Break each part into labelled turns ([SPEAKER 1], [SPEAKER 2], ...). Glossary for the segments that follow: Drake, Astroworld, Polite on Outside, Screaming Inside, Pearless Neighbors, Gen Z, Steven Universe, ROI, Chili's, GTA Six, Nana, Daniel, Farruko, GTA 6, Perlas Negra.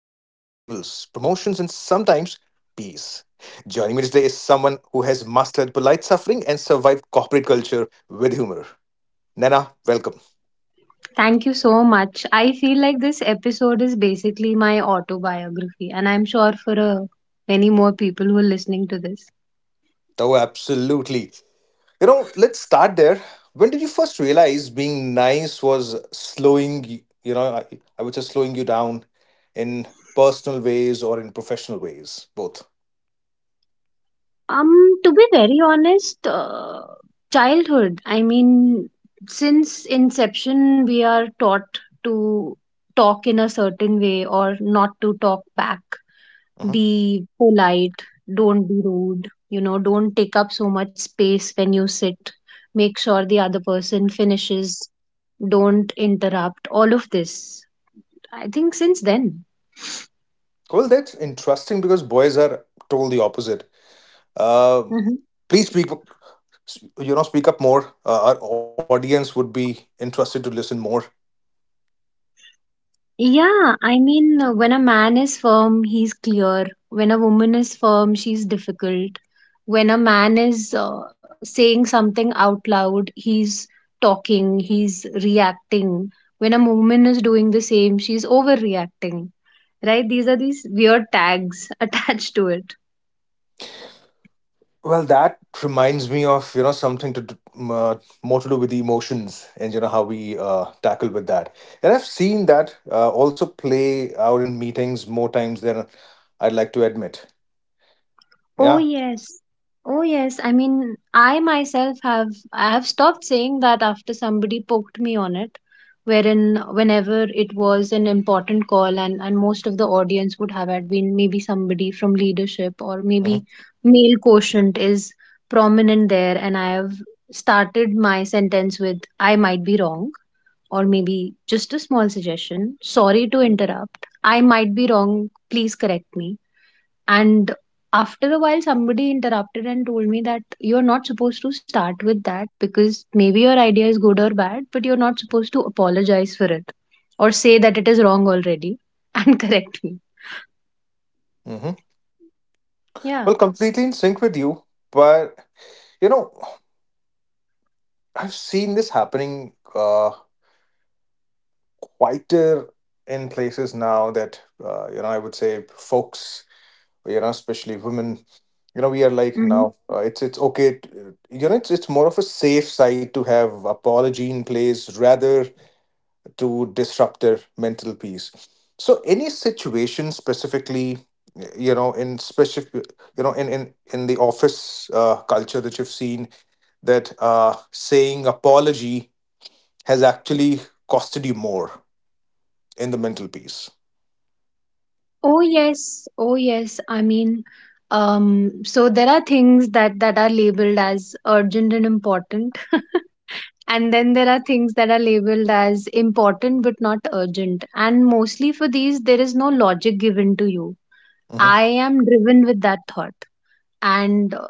[SPEAKER 1] peace. Joining me today is someone who has mastered polite suffering and survived corporate culture with humor. Nana, welcome.
[SPEAKER 2] Thank you so much. I feel like this episode is basically my autobiography, and I'm sure for many more people who are listening to this.
[SPEAKER 1] Oh, absolutely. Let's start there. When did you first realize being nice was slowing, I was just slowing you down in personal ways or in professional ways, both?
[SPEAKER 2] To be very honest, childhood. I mean, since inception, we are taught to talk in a certain way or not to talk back.
[SPEAKER 1] Mhm.
[SPEAKER 2] Be polite, don't be rude, you know, don't take up so much space when you sit. Make sure the other person finishes, don't interrupt, all of this. I think since then.
[SPEAKER 1] Well, that's interesting because boys are told the opposite. Uh,
[SPEAKER 2] Mm-hmm.
[SPEAKER 1] please speak. s- speak up more. Our audience would be interested to listen more.
[SPEAKER 2] Yeah, I mean, when a man is firm, he's clear. When a woman is firm, she's difficult. When a man is saying something out loud, he's talking, he's reacting. When a woman is doing the same, she's overreacting, right? These are these weird tags attached to it.
[SPEAKER 1] Well, that reminds me of something to do, more to do with the emotions, and you know how we tackle with that. And I've seen that also play out in meetings more times than I'd like to admit.
[SPEAKER 2] Oh
[SPEAKER 1] Yeah.
[SPEAKER 2] yes. Oh yes. I mean, I have stopped saying that after somebody poked me on it, wherein whenever it was an important call, and most of the audience would have had been maybe somebody from leadership, or maybe male quotient is prominent there, and I have started my sentence with I might be wrong, or maybe just a small suggestion. Sorry to interrupt. I might be wrong. Please correct me. And after a while, somebody interrupted and told me that you're not supposed to start with that because maybe your idea is good or bad, but you're not supposed to apologize for it or say that it is wrong already and correct me.
[SPEAKER 1] Hmm.
[SPEAKER 2] Yeah.
[SPEAKER 1] Well, completely in sync with you, but you know, I've seen this happening, quieter in places now that I would say folks, especially women, we are like now, it's okay, to, it's more of a safe side to have apology in place rather to disrupt their mental peace. So any situation specifically, in specific, in the office culture that you've seen, that saying apology has actually costed you more in the mental peace.
[SPEAKER 2] Oh yes, oh yes. I mean, so there are things that are labeled as urgent and important, and then there are things that are labeled as important but not urgent. And mostly for these, there is no logic given to you.
[SPEAKER 1] Mm-hmm.
[SPEAKER 2] I am driven with that thought, and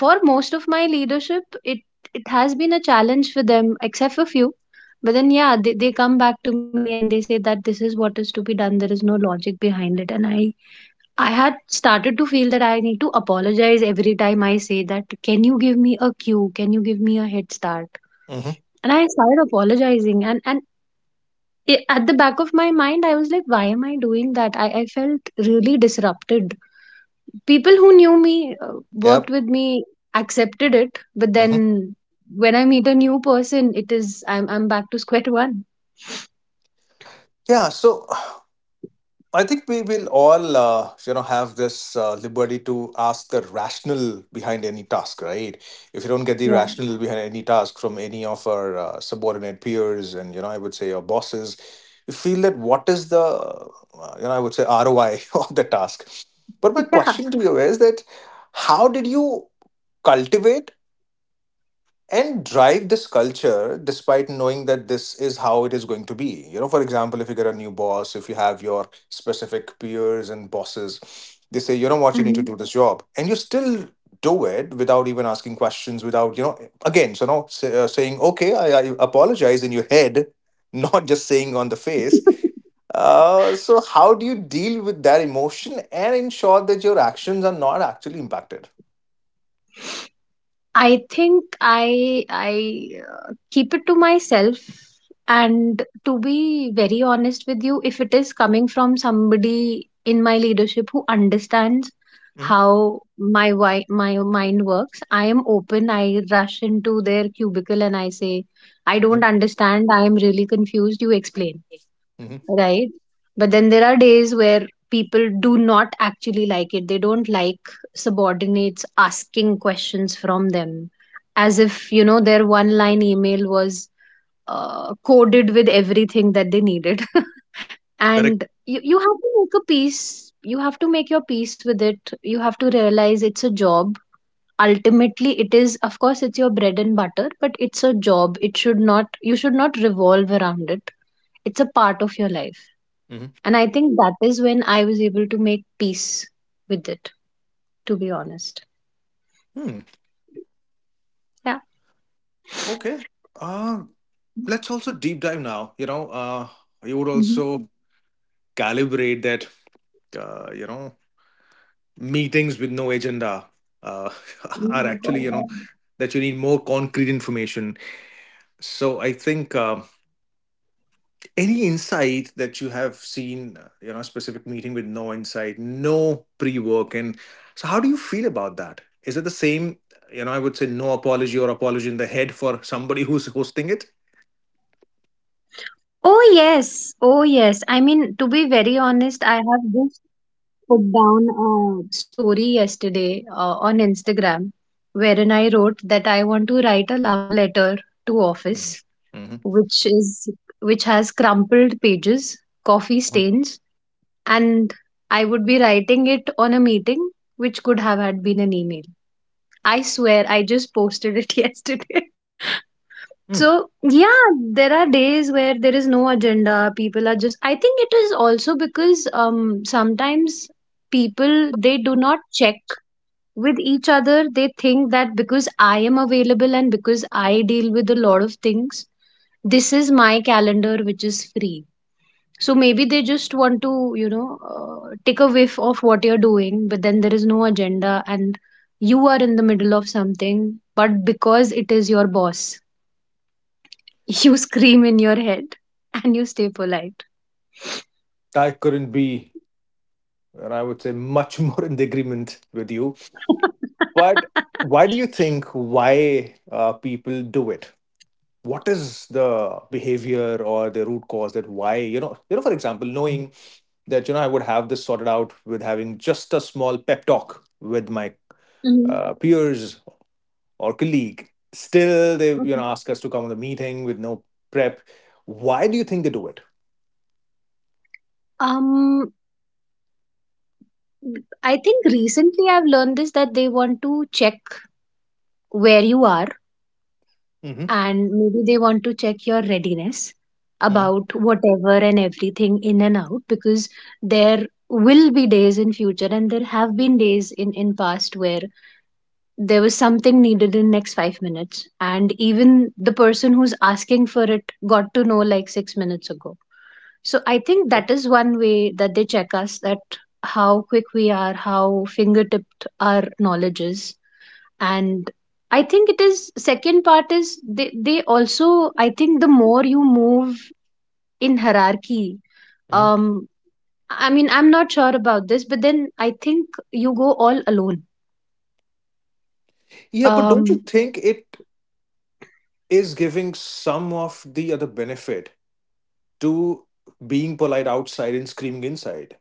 [SPEAKER 2] for most of my leadership, it has been a challenge for them except for few. But then yeah, they come back to me and they say that this is what is to be done, there is no logic behind it. And I had started to feel that I need to apologize every time I say that, can you give me a cue, can you give me a head start?
[SPEAKER 1] Mm-hmm.
[SPEAKER 2] And I started apologizing, and I at the back of my mind I was like, why am I doing that? I felt really disrupted. People who knew me, worked
[SPEAKER 1] Yep.
[SPEAKER 2] with me, accepted it. But then
[SPEAKER 1] Mm-hmm.
[SPEAKER 2] when I meet a new person, it is I'm back to square one.
[SPEAKER 1] Yeah. So I think we will all, have this liberty to ask the rationale behind any task, right? If you don't get the
[SPEAKER 2] Yeah.
[SPEAKER 1] rationale behind any task from any of our subordinate peers and, I would say, our bosses, you feel that what is the, I would say, ROI of the task. But my
[SPEAKER 2] Yeah.
[SPEAKER 1] question to you is that, how did you cultivate and drive this culture despite knowing that this is how it is going to be? For example, if you get a new boss, if you have your specific peers and bosses, they say, you know what you need to
[SPEAKER 2] Hmm.
[SPEAKER 1] do this job, and you still do it without even asking questions, without again. So now say, saying okay, I apologize in your head, not just saying on the face. So how do you deal with that emotion and ensure that your actions are not actually impacted?
[SPEAKER 2] I think I keep it to myself. And to be very honest with you, if it is coming from somebody in my leadership who understands
[SPEAKER 1] Mm-hmm.
[SPEAKER 2] how my mind works, I am open. I rush into their cubicle and I say, I don't understand, I am really confused, you explain, right? But then there are days where people do not actually like it, they don't like subordinates asking questions from them, as if you know their one line email was coded with everything that they needed. And you have to make a peace, you have to make your peace with it, you have to realize it's a job. Ultimately, it is, of course, it's your bread and butter, but it's a job. It should not, you should not revolve around it. It's a part of your life.
[SPEAKER 1] Mm-hmm.
[SPEAKER 2] And I think that is when I was able to make peace with it, to be honest.
[SPEAKER 1] Hmm.
[SPEAKER 2] Yeah.
[SPEAKER 1] Okay. Uh, let's also deep dive now. You would
[SPEAKER 2] Mhm.
[SPEAKER 1] also calibrate that, uh, you know, meetings with no agenda, uh, are actually, that you need more concrete information. So I think. Any insight that you have seen, a specific meeting with no insight, no pre-work, and so how do you feel about that? Is it the same I would say, no apology or apology in the head for somebody who's hosting it?
[SPEAKER 2] Oh, yes. Oh, yes. I mean, to be very honest, I have just put down a story yesterday on Instagram, wherein I wrote that I want to write a love letter to office,
[SPEAKER 1] Mm-hmm.
[SPEAKER 2] which is which has crumpled pages, coffee stains, and I would be writing it on a meeting which could have had been an email. I swear, I just posted it yesterday.
[SPEAKER 1] Mm.
[SPEAKER 2] So, yeah, there are days where there is no agenda. People are just, I think it is also because sometimes people they do not check with each other. They think that because I am available and because I deal with a lot of things, this is my calendar which is free. So maybe they just want to, you know, take a whiff of what you're doing, but then there is no agenda and you are in the middle of something, but because it is your boss, you scream in your head and you stay polite.
[SPEAKER 1] I couldn't be, and I would say, much more in the agreement with you. But why do you think, why people do it? What is the behavior or the root cause, that why for example, knowing that I would have this sorted out with having just a small pep talk with my
[SPEAKER 2] Mhm.
[SPEAKER 1] peers or colleague. Still, they
[SPEAKER 2] Mhm.
[SPEAKER 1] ask us to come on the meeting with no prep. Why do you think they do it?
[SPEAKER 2] Um, I think recently I've learned this that they want to check where you are,
[SPEAKER 1] Hmm.
[SPEAKER 2] and maybe they want to check your readiness about whatever and everything in and out. Because there will be days in future and there have been days in past where there was something needed in next 5 minutes and even the person who's asking for it got to know like 6 minutes ago. So I think that is one way that they check us, that how quick we are, how fingertipped our knowledge is. And I think it is, second part is, they also, I think the more you move in hierarchy,
[SPEAKER 1] Hmm.
[SPEAKER 2] um, I mean I'm not sure about this, but then I think you go all alone.
[SPEAKER 1] Yeah, but don't you
[SPEAKER 2] Um.
[SPEAKER 1] think it is giving some of the other benefit to being polite outside and screaming inside.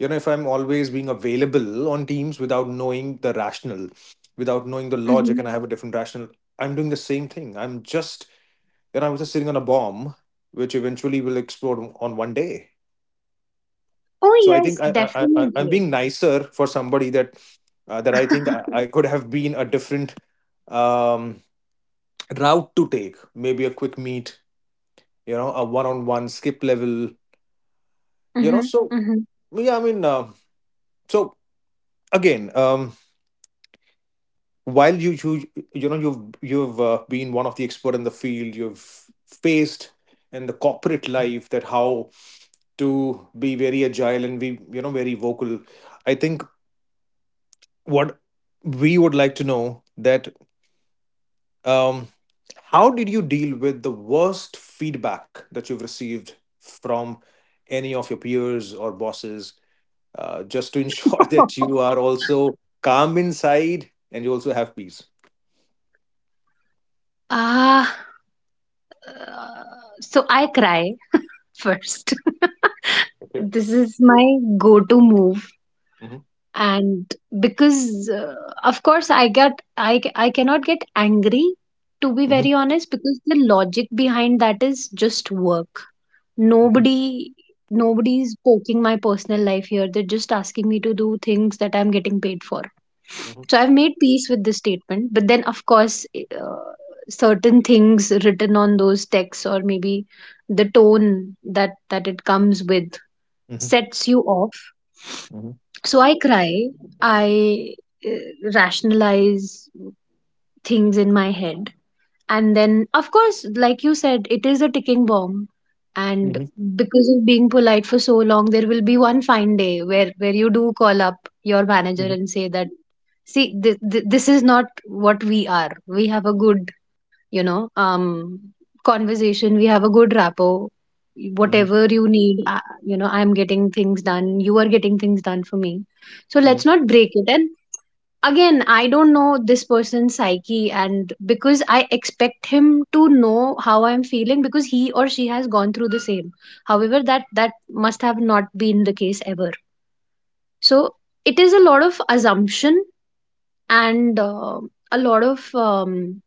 [SPEAKER 1] If I'm always being available on teams without knowing the rationale, without knowing the logic,
[SPEAKER 2] Mhm.
[SPEAKER 1] and I have a different rationale, I'm doing the same thing. I'm just, I was just sitting on a bomb, which eventually will explode on one day.
[SPEAKER 2] Oh
[SPEAKER 1] So I think
[SPEAKER 2] yes,
[SPEAKER 1] I am
[SPEAKER 2] definitely.
[SPEAKER 1] being nicer for somebody, that I think I could have been a different, um, route to take. Maybe a quick meet, a one-on-one skip level.
[SPEAKER 2] Hmm,
[SPEAKER 1] So
[SPEAKER 2] hmm.
[SPEAKER 1] yeah, I mean, so again, while you know you've been one of the expert in the field you've faced in the corporate life, that how to be very agile and be very vocal. I think what we would like to know, that um how did you deal with the worst feedback that you've received from any of your peers or bosses, just to ensure that you are also calm inside and you also have peace.
[SPEAKER 2] Ah, uh, so I cry first.
[SPEAKER 1] Okay.
[SPEAKER 2] This is my go-to move. And because of course I cannot get angry, to be
[SPEAKER 1] Mhm,
[SPEAKER 2] very honest, because the logic behind that is just work.
[SPEAKER 1] mhm,
[SPEAKER 2] Nobody, nobody's poking my personal life here, they're just asking me to do things that I'm getting paid for.
[SPEAKER 1] mhm,
[SPEAKER 2] So I've made peace with this statement, but then of course certain things written on those texts, or maybe the tone that it comes with,
[SPEAKER 1] mhm,
[SPEAKER 2] sets you off.
[SPEAKER 1] mhm,
[SPEAKER 2] So I cry, I rationalize things in my head, and then of course, like you said, it is a ticking bomb. And
[SPEAKER 1] mhm,
[SPEAKER 2] because of being polite for so long, there will be one fine day where you do call up your
[SPEAKER 1] mhm,
[SPEAKER 2] manager and say that, see, this is not what we are, we have a good, you know, conversation. We have a good rapport.
[SPEAKER 1] mhm,
[SPEAKER 2] Whatever you need, you know, I'm getting things done, you are getting things done for me. So
[SPEAKER 1] mhm,
[SPEAKER 2] let's not break it. And again, I don't know this person's psyche, and because I expect him to know how I'm feeling because he or she has gone through the same. However, that must have not been the case ever. So it is a lot of assumption, and a lot of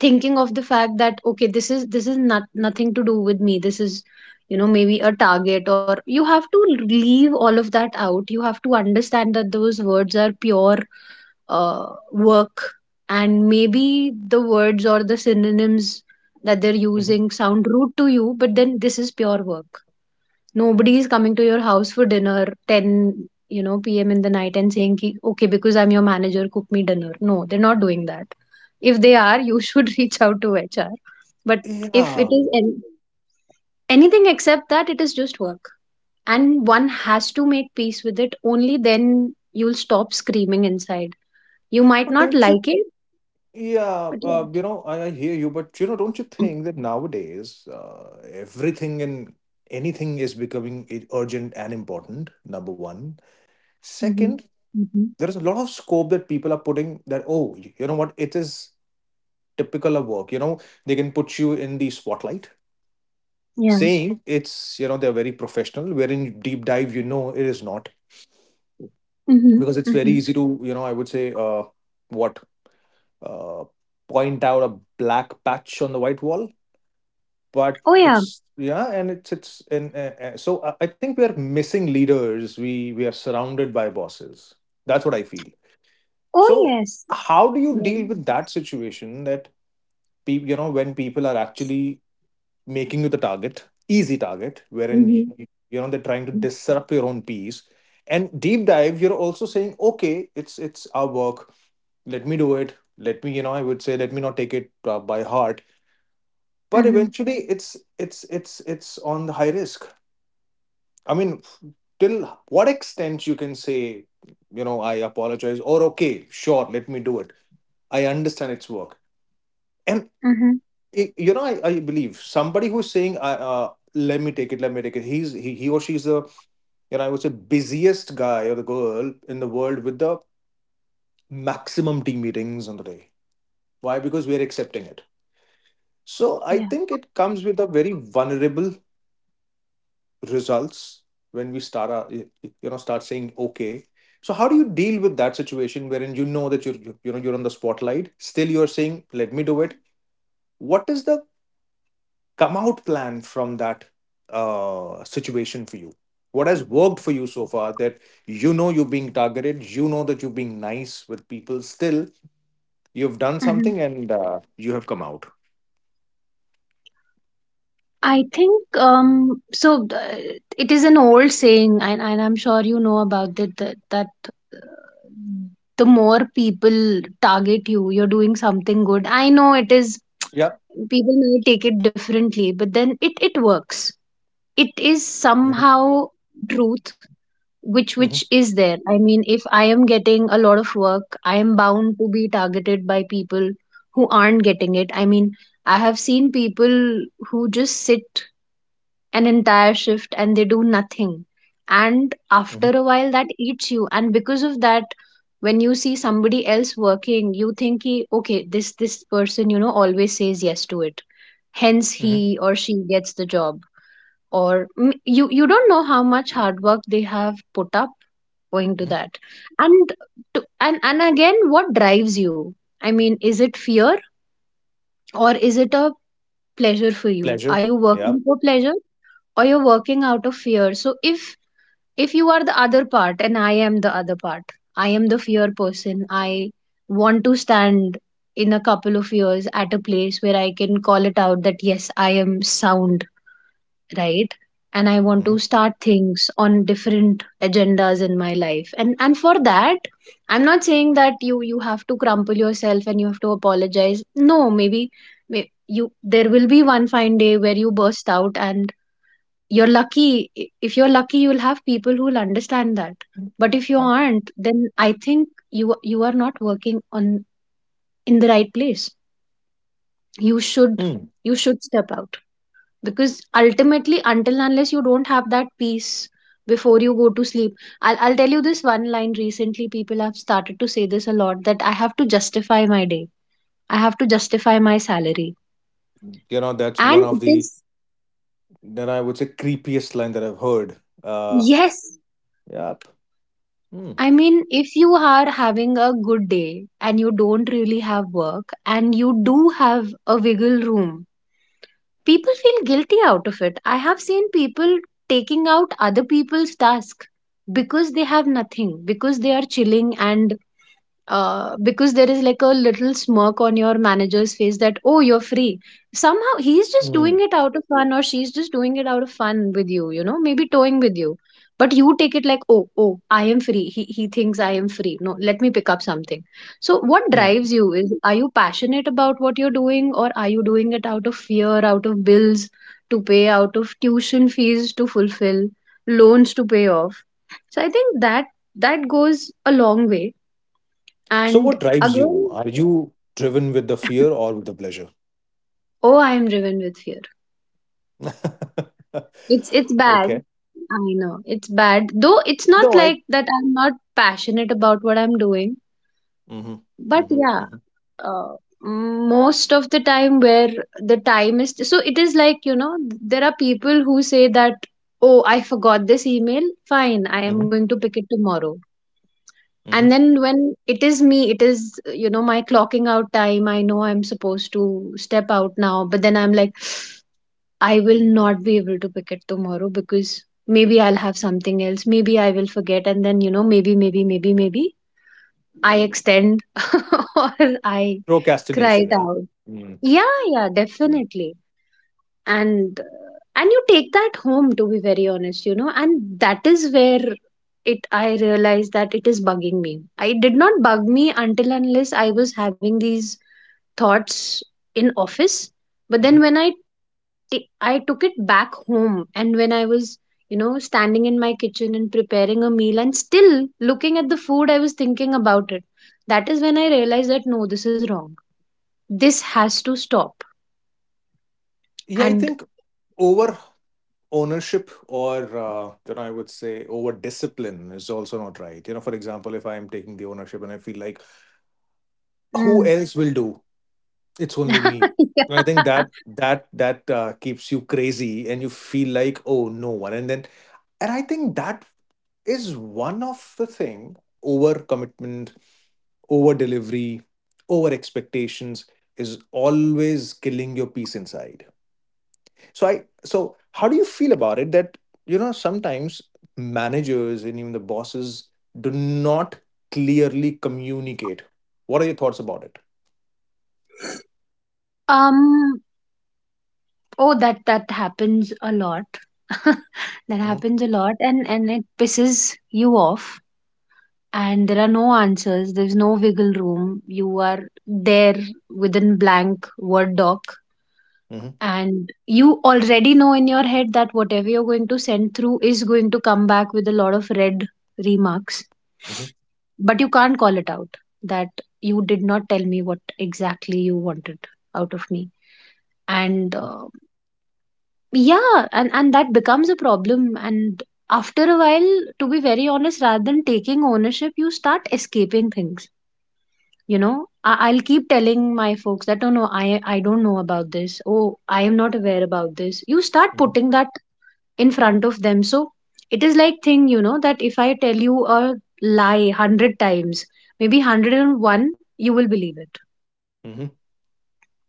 [SPEAKER 2] thinking of the fact that okay, this is nothing to do with me, this is, you know, maybe a target, or you have to leave all of that out. You have to understand that those words are pure work, and maybe the words or the synonyms that they're
[SPEAKER 1] mhm.
[SPEAKER 2] using sound rude to you, but then this is pure work. Nobody is coming to your house for dinner 10, you know, pm in the night and saying ki, okay because I'm your manager, cook me dinner. No, they're not doing that. If they are, you should reach out to HR. But if
[SPEAKER 1] Yeah,
[SPEAKER 2] it is anything except that, it is just work, and one has to make peace with it, only then you'll stop screaming inside. You might
[SPEAKER 1] but
[SPEAKER 2] not
[SPEAKER 1] don't you?
[SPEAKER 2] like it,
[SPEAKER 1] Yeah,
[SPEAKER 2] but yeah.
[SPEAKER 1] I hear you, but don't you think that nowadays everything and anything is becoming urgent and important? Number one.
[SPEAKER 2] Mm-hmm.
[SPEAKER 1] Second,
[SPEAKER 2] Mm-hmm.
[SPEAKER 1] there is a lot of scope that people are putting that, oh, you know what, it is typical of work. They can put you in the spotlight
[SPEAKER 2] Yeah.
[SPEAKER 1] saying, it's, they're very professional, wherein deep dive, it is not,
[SPEAKER 2] Mm-hmm.
[SPEAKER 1] because it's very
[SPEAKER 2] Mm-hmm.
[SPEAKER 1] easy to I would say, what uh, point out a black patch on the white wall. But
[SPEAKER 2] Oh yeah.
[SPEAKER 1] it's, yeah, and it's and so I think we are missing leaders. We we are surrounded by bosses, that's what I feel.
[SPEAKER 2] Oh
[SPEAKER 1] So
[SPEAKER 2] yes.
[SPEAKER 1] how do you
[SPEAKER 2] Yeah.
[SPEAKER 1] deal with that situation, that people, when people are actually making you the target, easy target, wherein
[SPEAKER 2] Mm-hmm.
[SPEAKER 1] they're trying to disrupt your own peace, and deep dive you're also saying okay, it's our work, let me do it, let me I would say, let me not take it by heart. But
[SPEAKER 2] Mm-hmm.
[SPEAKER 1] eventually it's on the high risk. I mean, till what extent you can say, I apologize, or okay, sure, let me do it, I understand its work. And
[SPEAKER 2] Mm-hmm.
[SPEAKER 1] I believe somebody who's saying, I, let me take it, he's he or she's the, I would say, busiest guy or the girl in the world, with the maximum team meetings on the day. Why? Because we are accepting it. So I
[SPEAKER 2] Yeah.
[SPEAKER 1] think it comes with a very vulnerable results, when we start our, y- y- you know start saying okay. So how do you deal with that situation, wherein you know that you're on the spotlight, still you're saying, let me do it. What is the come out plan from that situation for you? What has worked for you so far, that you're being targeted, you know that you're being nice with people, still you've done
[SPEAKER 2] Mm-hmm.
[SPEAKER 1] something, and you have come out.
[SPEAKER 2] I think um, so it is an old saying, and I'm sure you know about it, that that uh, the more people target you, you're doing something good. I know it is,
[SPEAKER 1] Yep.
[SPEAKER 2] people may take it differently, but then it works. It is
[SPEAKER 1] Mhm,
[SPEAKER 2] somehow truth which
[SPEAKER 1] mhm,
[SPEAKER 2] is there. I mean, if I am getting a lot of work, I am bound to be targeted by people who aren't getting it. I mean, I have seen people who just sit an entire shift and they do nothing, and after
[SPEAKER 1] mhm,
[SPEAKER 2] a while that eats you. And because of that, when you see somebody else working, you think he, okay, this person, you know, always says yes to it, hence
[SPEAKER 1] mhm,
[SPEAKER 2] he or she gets the job. Or you you don't know how much hard work they have put up going to
[SPEAKER 1] mhm.
[SPEAKER 2] that. And and again, what drives you? I mean, is it fear, or is it a pleasure for you? Are
[SPEAKER 1] Pleasure.
[SPEAKER 2] you working
[SPEAKER 1] Yep.
[SPEAKER 2] for pleasure, or you're working out of fear? So if you are the other part and I am the other part, I am the fear person. I want to stand in a couple of years at a place where I can call it out, that yes, I am sound, right? And I want to
[SPEAKER 1] Mhm.
[SPEAKER 2] start things on different agendas in my life. And for that, I'm not saying that you have to crumple yourself and you have to apologize. No, maybe you, there will be one fine day where you burst out. And you're lucky, if you're lucky, you'll have people who'll understand that. But if you aren't, then I think you are not working on in the right place. You should,
[SPEAKER 1] Hmm.
[SPEAKER 2] you should step out, because ultimately, until and unless you don't have that peace before you go to sleep, I'll tell you this one line. Recently people have started to say this a lot, that I have to justify my day, I have to justify my salary.
[SPEAKER 1] That's one
[SPEAKER 2] And
[SPEAKER 1] of
[SPEAKER 2] it
[SPEAKER 1] the,
[SPEAKER 2] is,
[SPEAKER 1] then I would say, creepiest line that I've heard. Uh,
[SPEAKER 2] yes.
[SPEAKER 1] yep. Hmm.
[SPEAKER 2] I mean, if you are having a good day and you don't really have work and you do have a wiggle room, people feel guilty out of it. I have seen people taking out other people's task, because they have nothing, because they are chilling, and because there is like a little smirk on your manager's face that, oh, you're free. Somehow he's just
[SPEAKER 1] Hmm.
[SPEAKER 2] doing it out of fun, or she's just doing it out of fun with you, you know, maybe toying with you. But you take it like, oh, oh, I am free, he thinks I am free, no, let me pick up something. So what
[SPEAKER 1] Hmm.
[SPEAKER 2] drives you? Is, are you passionate about what you're doing, or are you doing it out of fear, out of bills to pay, out of tuition fees to fulfill, loans to pay off? So I think that, that goes a long way.
[SPEAKER 1] So,
[SPEAKER 2] And
[SPEAKER 1] what drives you?
[SPEAKER 2] again,
[SPEAKER 1] Are you driven with the fear or with the pleasure?
[SPEAKER 2] oh, I am driven with fear. It's bad.
[SPEAKER 1] Okay.
[SPEAKER 2] I know it's bad. Though it's not
[SPEAKER 1] No, I.
[SPEAKER 2] like that. I'm not passionate about what I'm doing.
[SPEAKER 1] Mm-hmm.
[SPEAKER 2] But
[SPEAKER 1] Mm-hmm.
[SPEAKER 2] yeah,
[SPEAKER 1] Mm-hmm.
[SPEAKER 2] uh, most of the time, where the time is, so it is like, you know, there are people who say that, oh, I forgot this email. Fine, I am
[SPEAKER 1] Mm-hmm.
[SPEAKER 2] going to pick it tomorrow.
[SPEAKER 1] Mm-hmm.
[SPEAKER 2] And then when it is me, it is, you know, my clocking out time. I know I'm supposed to step out now, but then I'm like, I will not be able to pick it tomorrow because maybe I'll have something else. Maybe I will forget. And then, you know, maybe I extend, or I cry
[SPEAKER 1] Procrastination.
[SPEAKER 2] it
[SPEAKER 1] Yeah.
[SPEAKER 2] out.
[SPEAKER 1] Hmm.
[SPEAKER 2] Yeah, yeah,
[SPEAKER 1] Hmm.
[SPEAKER 2] definitely. And and you take that home, to be very honest, you know, and that is where it, I realized that it is bugging me. I did not bug me until unless I was having these thoughts in office. But then
[SPEAKER 1] Mm-hmm.
[SPEAKER 2] when I took it back home. And when I was, you know, standing in my kitchen and preparing a meal and still looking at the food, I was thinking about it. That is when I realized that no, this is wrong. This has to stop.
[SPEAKER 1] Yeah, I
[SPEAKER 2] And
[SPEAKER 1] think over ownership, or I would say over discipline, is also not right. For example, if I am taking the ownership and I feel like, who
[SPEAKER 2] mm,
[SPEAKER 1] else will do, it's only me. I think
[SPEAKER 2] yeah.
[SPEAKER 1] that keeps you crazy, and you feel like, oh, no one. And then and I think that is one of the thing, over commitment, over delivery, over expectations, is always killing your peace inside. So I so how do you feel about it, that sometimes managers and even the bosses do not clearly communicate? What are your thoughts about it?
[SPEAKER 2] um, oh, that that happens a lot. That
[SPEAKER 1] Mhm,
[SPEAKER 2] happens a lot, and it pisses you off. And there are no answers. There's no wiggle room. You are there within blank Word doc,
[SPEAKER 1] mhm,
[SPEAKER 2] and you already know in your head that whatever you're going to send through is going to come back with a lot of red remarks.
[SPEAKER 1] mhm,
[SPEAKER 2] But you can't call it out that you did not tell me what exactly you wanted out of me. And yeah, and that becomes a problem. And after a while, to be very honest, rather than taking ownership, you start escaping things, you know. I'll keep telling my folks that, oh no, I don't know about this, oh, I am not aware about this. You start
[SPEAKER 1] mhm,
[SPEAKER 2] putting that in front of them. So it is like thing, you know, that if I tell you a lie 100 times, maybe 101, you will believe it.
[SPEAKER 1] mhm,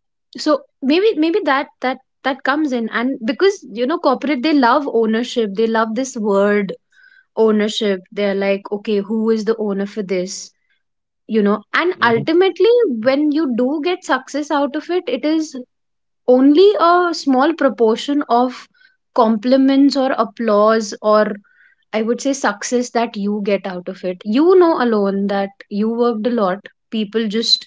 [SPEAKER 2] So maybe that comes in. And because you know corporate, they love ownership, they love this word ownership. They're like, okay, who is the owner for this, you know? And
[SPEAKER 1] mhm.
[SPEAKER 2] ultimately, when you do get success out of it, it is only a small proportion of compliments or applause, or I would say success that you get out of it, you know, alone, that you worked a lot. People just,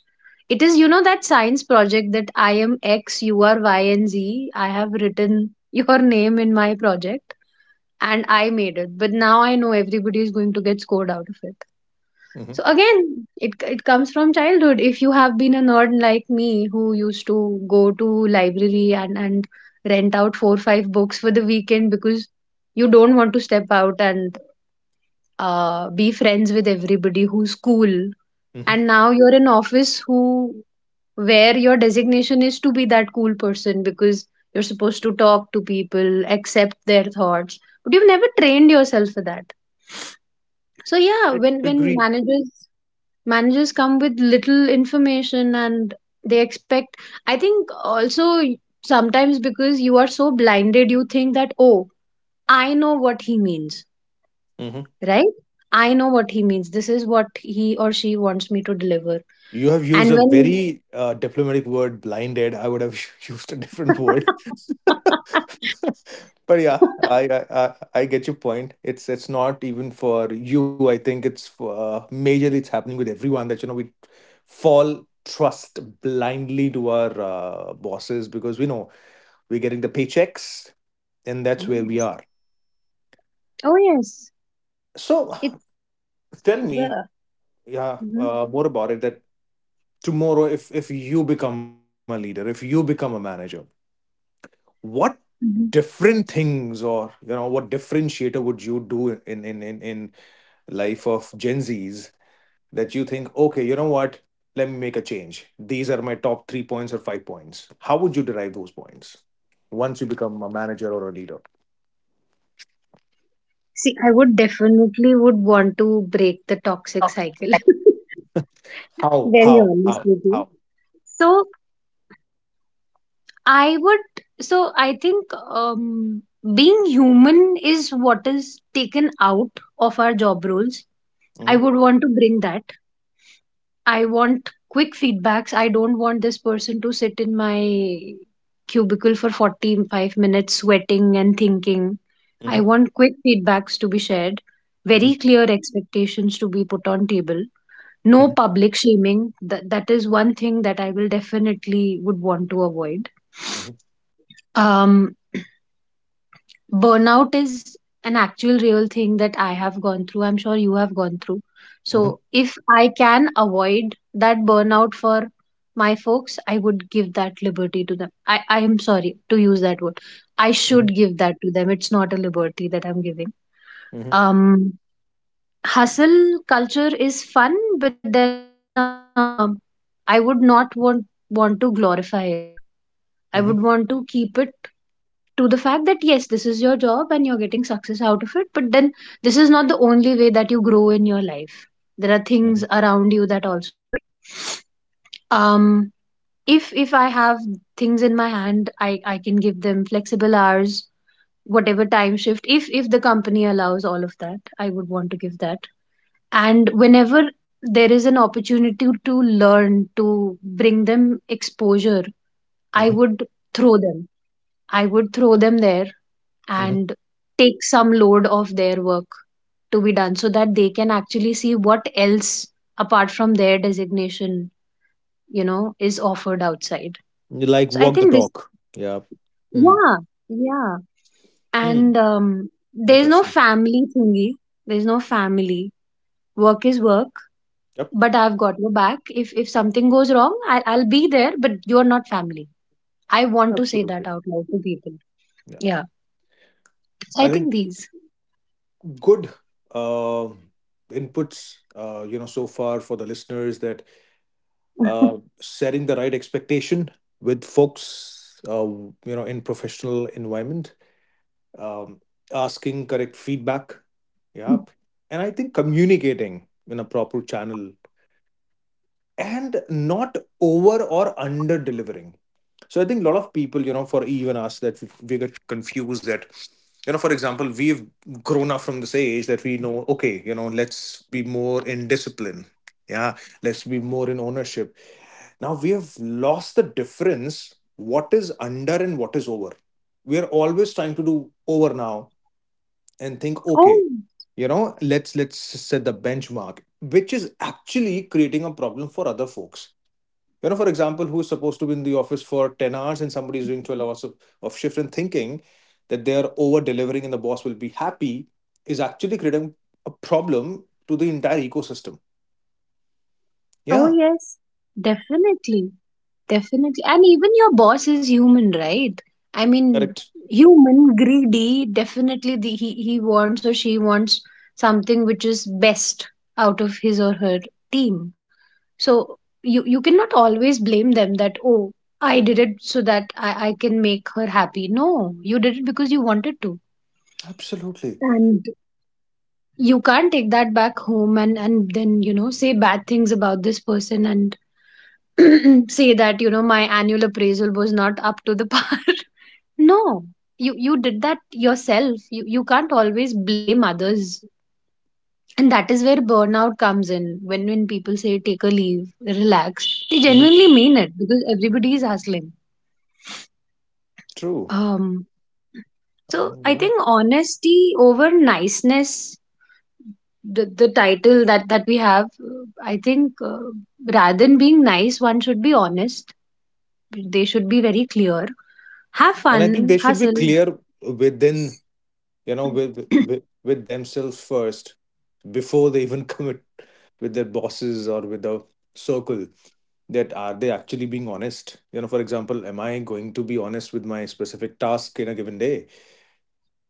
[SPEAKER 2] it is, you know, that science project that I am X, you are Y, and Z, I have written your name in my project and I made it, but now I know everybody is going to get scored out of it.
[SPEAKER 1] Mm-hmm.
[SPEAKER 2] So again, it comes from childhood. If you have been a nerd like me who used to go to library and rent out four or five books for the weekend, because you don't want to step out and be friends with everybody who's cool.
[SPEAKER 1] Mm-hmm.
[SPEAKER 2] And now you're in office, who, where your designation is to be that cool person, because you're supposed to talk to people, accept their thoughts, but you've never trained yourself for that. So yeah, when
[SPEAKER 1] Agreed.
[SPEAKER 2] managers come with little information and they expect, I think also sometimes because you are so blinded, you think that, oh, I know what he means,
[SPEAKER 1] Mhm.
[SPEAKER 2] right? I know what he means, this is what he or she wants me to deliver.
[SPEAKER 1] You have used
[SPEAKER 2] And
[SPEAKER 1] a
[SPEAKER 2] when
[SPEAKER 1] very diplomatic word, blinded. I would have used a different word. But yeah, I get your point. It's not even for you. I think it's for, majorly it's happening with everyone, that we fall trust blindly to our bosses, because we know we're getting the paychecks, and that's where we are.
[SPEAKER 2] oh yes,
[SPEAKER 1] So
[SPEAKER 2] it's
[SPEAKER 1] tell me,
[SPEAKER 2] the,
[SPEAKER 1] yeah,
[SPEAKER 2] mhm,
[SPEAKER 1] more about it. That Tomorrow, if you become a leader, if you become a manager, what
[SPEAKER 2] mhm.
[SPEAKER 1] different things, or you know, what differentiator would you do in life of Gen Z's that you think, okay, you know what, let me make a change, these are my top three points or five points? How would you derive those points once you become a manager or a leader?
[SPEAKER 2] See, I would definitely would want to break the toxic cycle.
[SPEAKER 1] how
[SPEAKER 2] Very
[SPEAKER 1] how
[SPEAKER 2] honest
[SPEAKER 1] how
[SPEAKER 2] with you.
[SPEAKER 1] how
[SPEAKER 2] So I would, so I think being human is what is taken out of our job roles. I
[SPEAKER 1] Mhm,
[SPEAKER 2] would want to bring that. I want quick feedbacks. I don't want this person to sit in my cubicle for 45 minutes sweating and thinking. I
[SPEAKER 1] mhm,
[SPEAKER 2] want quick feedbacks to be shared, very
[SPEAKER 1] mhm,
[SPEAKER 2] clear expectations to be put on table. No
[SPEAKER 1] mhm,
[SPEAKER 2] public shaming. That, that is one thing that I will definitely would want to avoid.
[SPEAKER 1] mhm,
[SPEAKER 2] um Burnout is an actual real thing that I have gone through. I'm sure you have gone through.
[SPEAKER 1] mhm,
[SPEAKER 2] So, if I can avoid that burnout for my folks, I would give that liberty to them. I am sorry to use that word. I
[SPEAKER 1] mhm,
[SPEAKER 2] should give that to them. It's not a liberty that I'm giving.
[SPEAKER 1] mhm,
[SPEAKER 2] Um, Hustle culture is fun, but then I would not want to glorify it. I would
[SPEAKER 1] mhm,
[SPEAKER 2] want to keep it to the fact that yes, this is your job and you're getting success out of it, but then this is not the only way that you grow in your life. There are things
[SPEAKER 1] mhm,
[SPEAKER 2] around you that also matter. Um, if I have things in my hand, I can give them flexible hours, whatever time shift. If the company allows all of that, I would want to give that. And whenever there is an opportunity to learn, to bring them exposure, I
[SPEAKER 1] mhm,
[SPEAKER 2] would throw them, I would throw them there.
[SPEAKER 1] mhm.
[SPEAKER 2] And take some load of their work to be done, so that they can actually see what else, apart from their designation, you know, is offered outside.
[SPEAKER 1] You like
[SPEAKER 2] So I
[SPEAKER 1] walk the
[SPEAKER 2] think this,
[SPEAKER 1] talk, yeah. Mm.
[SPEAKER 2] yeah, yeah. And
[SPEAKER 1] Mm.
[SPEAKER 2] there's no
[SPEAKER 1] Interesting.
[SPEAKER 2] family thingy. There's no family. Work is work,
[SPEAKER 1] Yep.
[SPEAKER 2] but I've got your back. If something goes wrong, I'll be there, but you're not family. I want to say that
[SPEAKER 1] Absolutely.
[SPEAKER 2] out loud to people.
[SPEAKER 1] Yeah,
[SPEAKER 2] Yeah. So I
[SPEAKER 1] I think
[SPEAKER 2] think these.
[SPEAKER 1] good uh, inputs, you know, so far for the listeners, that setting the right expectation with folks, you know, in professional environment, um, asking correct feedback, yeah, and I think communicating in a proper channel and not over or under delivering. So I think a lot of people, you know, for even us, that we get confused that, you know, for example, we've grown up from this age that we know, okay, you know, let's be more in discipline. Yeah, let's be more in ownership. Now we have lost the difference what is under and what is over. We are always trying to do over now and think, okay,
[SPEAKER 2] Oh.
[SPEAKER 1] you know, let's set the benchmark, which is actually creating a problem for other folks, you know, for example, who's supposed to be in the office for 10 hours and somebody's doing 12 hours of shift and thinking that they're over delivering and the boss will be happy is actually creating a problem to the entire ecosystem,
[SPEAKER 2] Oh,
[SPEAKER 1] yeah.
[SPEAKER 2] yes, definitely, definitely. And even your boss is human, right? I mean,
[SPEAKER 1] Correct.
[SPEAKER 2] human, greedy, definitely the, he wants or she wants something which is best out of his or her team. So you cannot always blame them that, oh, I did it so that I can make her happy. No, you did it because you wanted to.
[SPEAKER 1] Absolutely.
[SPEAKER 2] And you can't take that back home, and then, you know, say bad things about this person and say that, you know, my annual appraisal was not up to the par. No, you did that yourself. You can't always blame others. And that is where burnout comes in, when people say take a leave, relax, they
[SPEAKER 1] Mhm.
[SPEAKER 2] genuinely mean it, because everybody is hustling.
[SPEAKER 1] True.
[SPEAKER 2] um so
[SPEAKER 1] And
[SPEAKER 2] I
[SPEAKER 1] yeah,
[SPEAKER 2] think honesty over niceness, the title that that we have, I think, rather than being nice, one should be honest. They should be very clear. Have
[SPEAKER 1] and I think
[SPEAKER 2] fun,
[SPEAKER 1] they should be
[SPEAKER 2] hustle.
[SPEAKER 1] clear within, you know, with with, with themselves first before they even commit with their bosses or with the circle, that are they actually being honest? You know, for example, am I going to be honest with my specific task in a given day?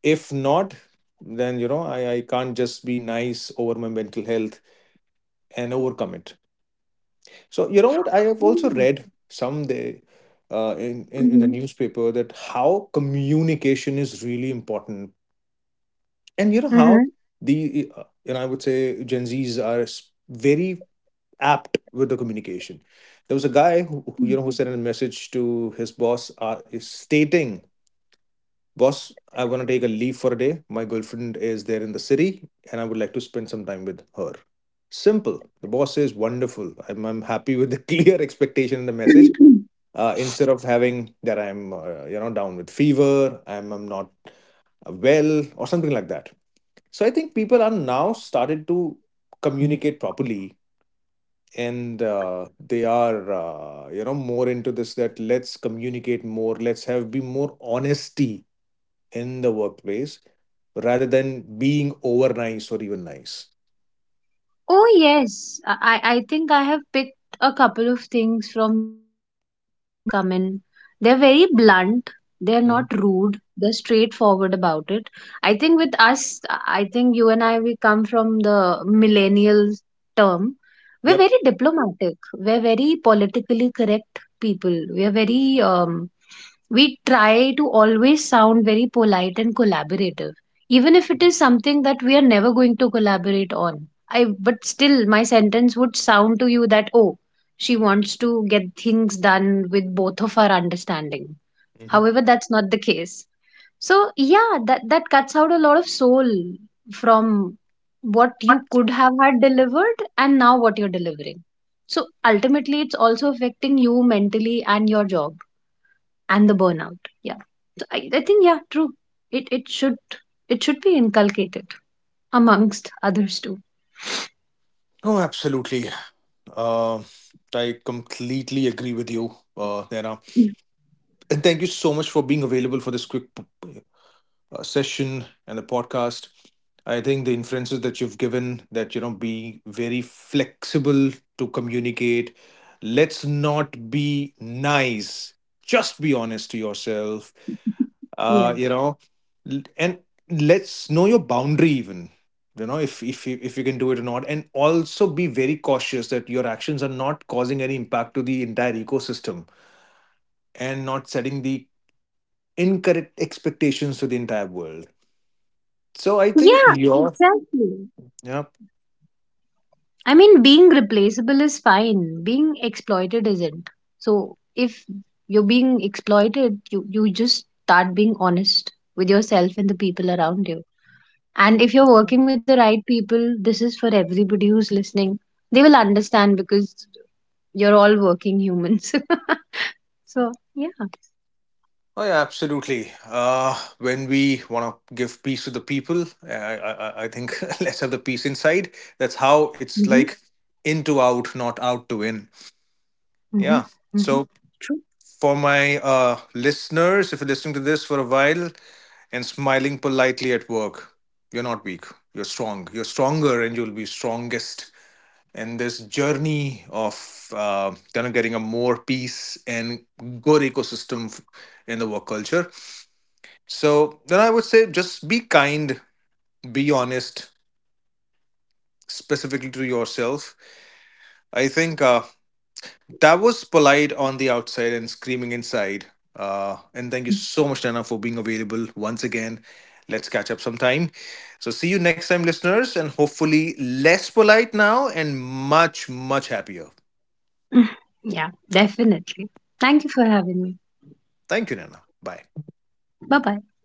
[SPEAKER 1] If not, then you know I can't just be nice over my mental health and overcome it. So you know what, I have also read someday, in, in the
[SPEAKER 2] Mhm.
[SPEAKER 1] newspaper, that how communication is really important, and you know how
[SPEAKER 2] Mhm.
[SPEAKER 1] the, you know, I would say Gen Z's are s- very apt with the communication. There was a guy who you
[SPEAKER 2] Mhm.
[SPEAKER 1] know, who sent a message to his boss, is stating, "Boss, I want to take a leave for a day. My girlfriend is there in the city, and I would like to spend some time with her." Simple. The boss says, "Wonderful. I'm happy with the clear expectation in the message." Instead of having that, I'm you know, down with fever, I'm not well or something like that. So I think people are now started to communicate properly, and they are, you know, more into this, that let's communicate more, let's have be more honesty in the workplace rather than being over nice or even nice.
[SPEAKER 2] Oh, yes. I think I have picked a couple of things from these new folks that come in. They're very blunt. They're
[SPEAKER 1] Mhm.
[SPEAKER 2] not rude. They're straightforward about it. I think with us, I think you and I, we come from the millennial term. We're
[SPEAKER 1] Yep.
[SPEAKER 2] very diplomatic. We're very politically correct people. We're very, we try to always sound very polite and collaborative, even if it is something that we are never going to collaborate on. I, but still my sentence would sound to you that, oh, she wants to get things done with both of our understanding.
[SPEAKER 1] Hmm.
[SPEAKER 2] However, that's not the case. So yeah, that that cuts out a lot of soul from what you could have had delivered and now what you're delivering. So ultimately it's also affecting you mentally and your job and the burnout. Yeah. So I think yeah, true. It it should it should be inculcated amongst others too.
[SPEAKER 1] Oh, absolutely. uh, I completely agree with you, Naina. And thank you so much for being available for this quick session and the podcast. I think the inferences that you've given, that you know, be very flexible to communicate, let's not be nice, just be honest to yourself,
[SPEAKER 2] Yeah.
[SPEAKER 1] you know, and let's know your boundary even, you know, if if you can do it or not, and also be very cautious that your actions are not causing any impact to the entire ecosystem and not setting the incorrect expectations to the entire world. So I think
[SPEAKER 2] Yeah,
[SPEAKER 1] your-
[SPEAKER 2] exactly.
[SPEAKER 1] Yep.
[SPEAKER 2] I mean, being replaceable is fine. Being exploited isn't. So if you're being exploited, you just start being honest with yourself and the people around you. And if you're working with the right people, this is for everybody who's listening. They will understand, because you're all working humans. So yeah.
[SPEAKER 1] Oh, yeah, absolutely. When we want to give peace to the people, I think let's have the peace inside. That's how it's
[SPEAKER 2] Hmm.
[SPEAKER 1] like, in to out, not out to in.
[SPEAKER 2] Hmm.
[SPEAKER 1] Yeah.
[SPEAKER 2] Hmm.
[SPEAKER 1] So,
[SPEAKER 2] True.
[SPEAKER 1] for my listeners, if you're listening to this for a while and smiling politely at work, you're not weak. You're strong. You're stronger and you'll be strongest. And this journey of kind of getting a more peace and good ecosystem in the work culture. So then I would say just be kind, be honest, specifically to yourself. I think that was polite on the outside and screaming inside. And thank you so much, Nana, for being available once again. Let's catch up sometime. So, see you next time, listeners, and hopefully less polite now and much, much happier.
[SPEAKER 2] Yeah, definitely. Thank you for having me.
[SPEAKER 1] Thank you, Nana. Bye.
[SPEAKER 2] Bye bye.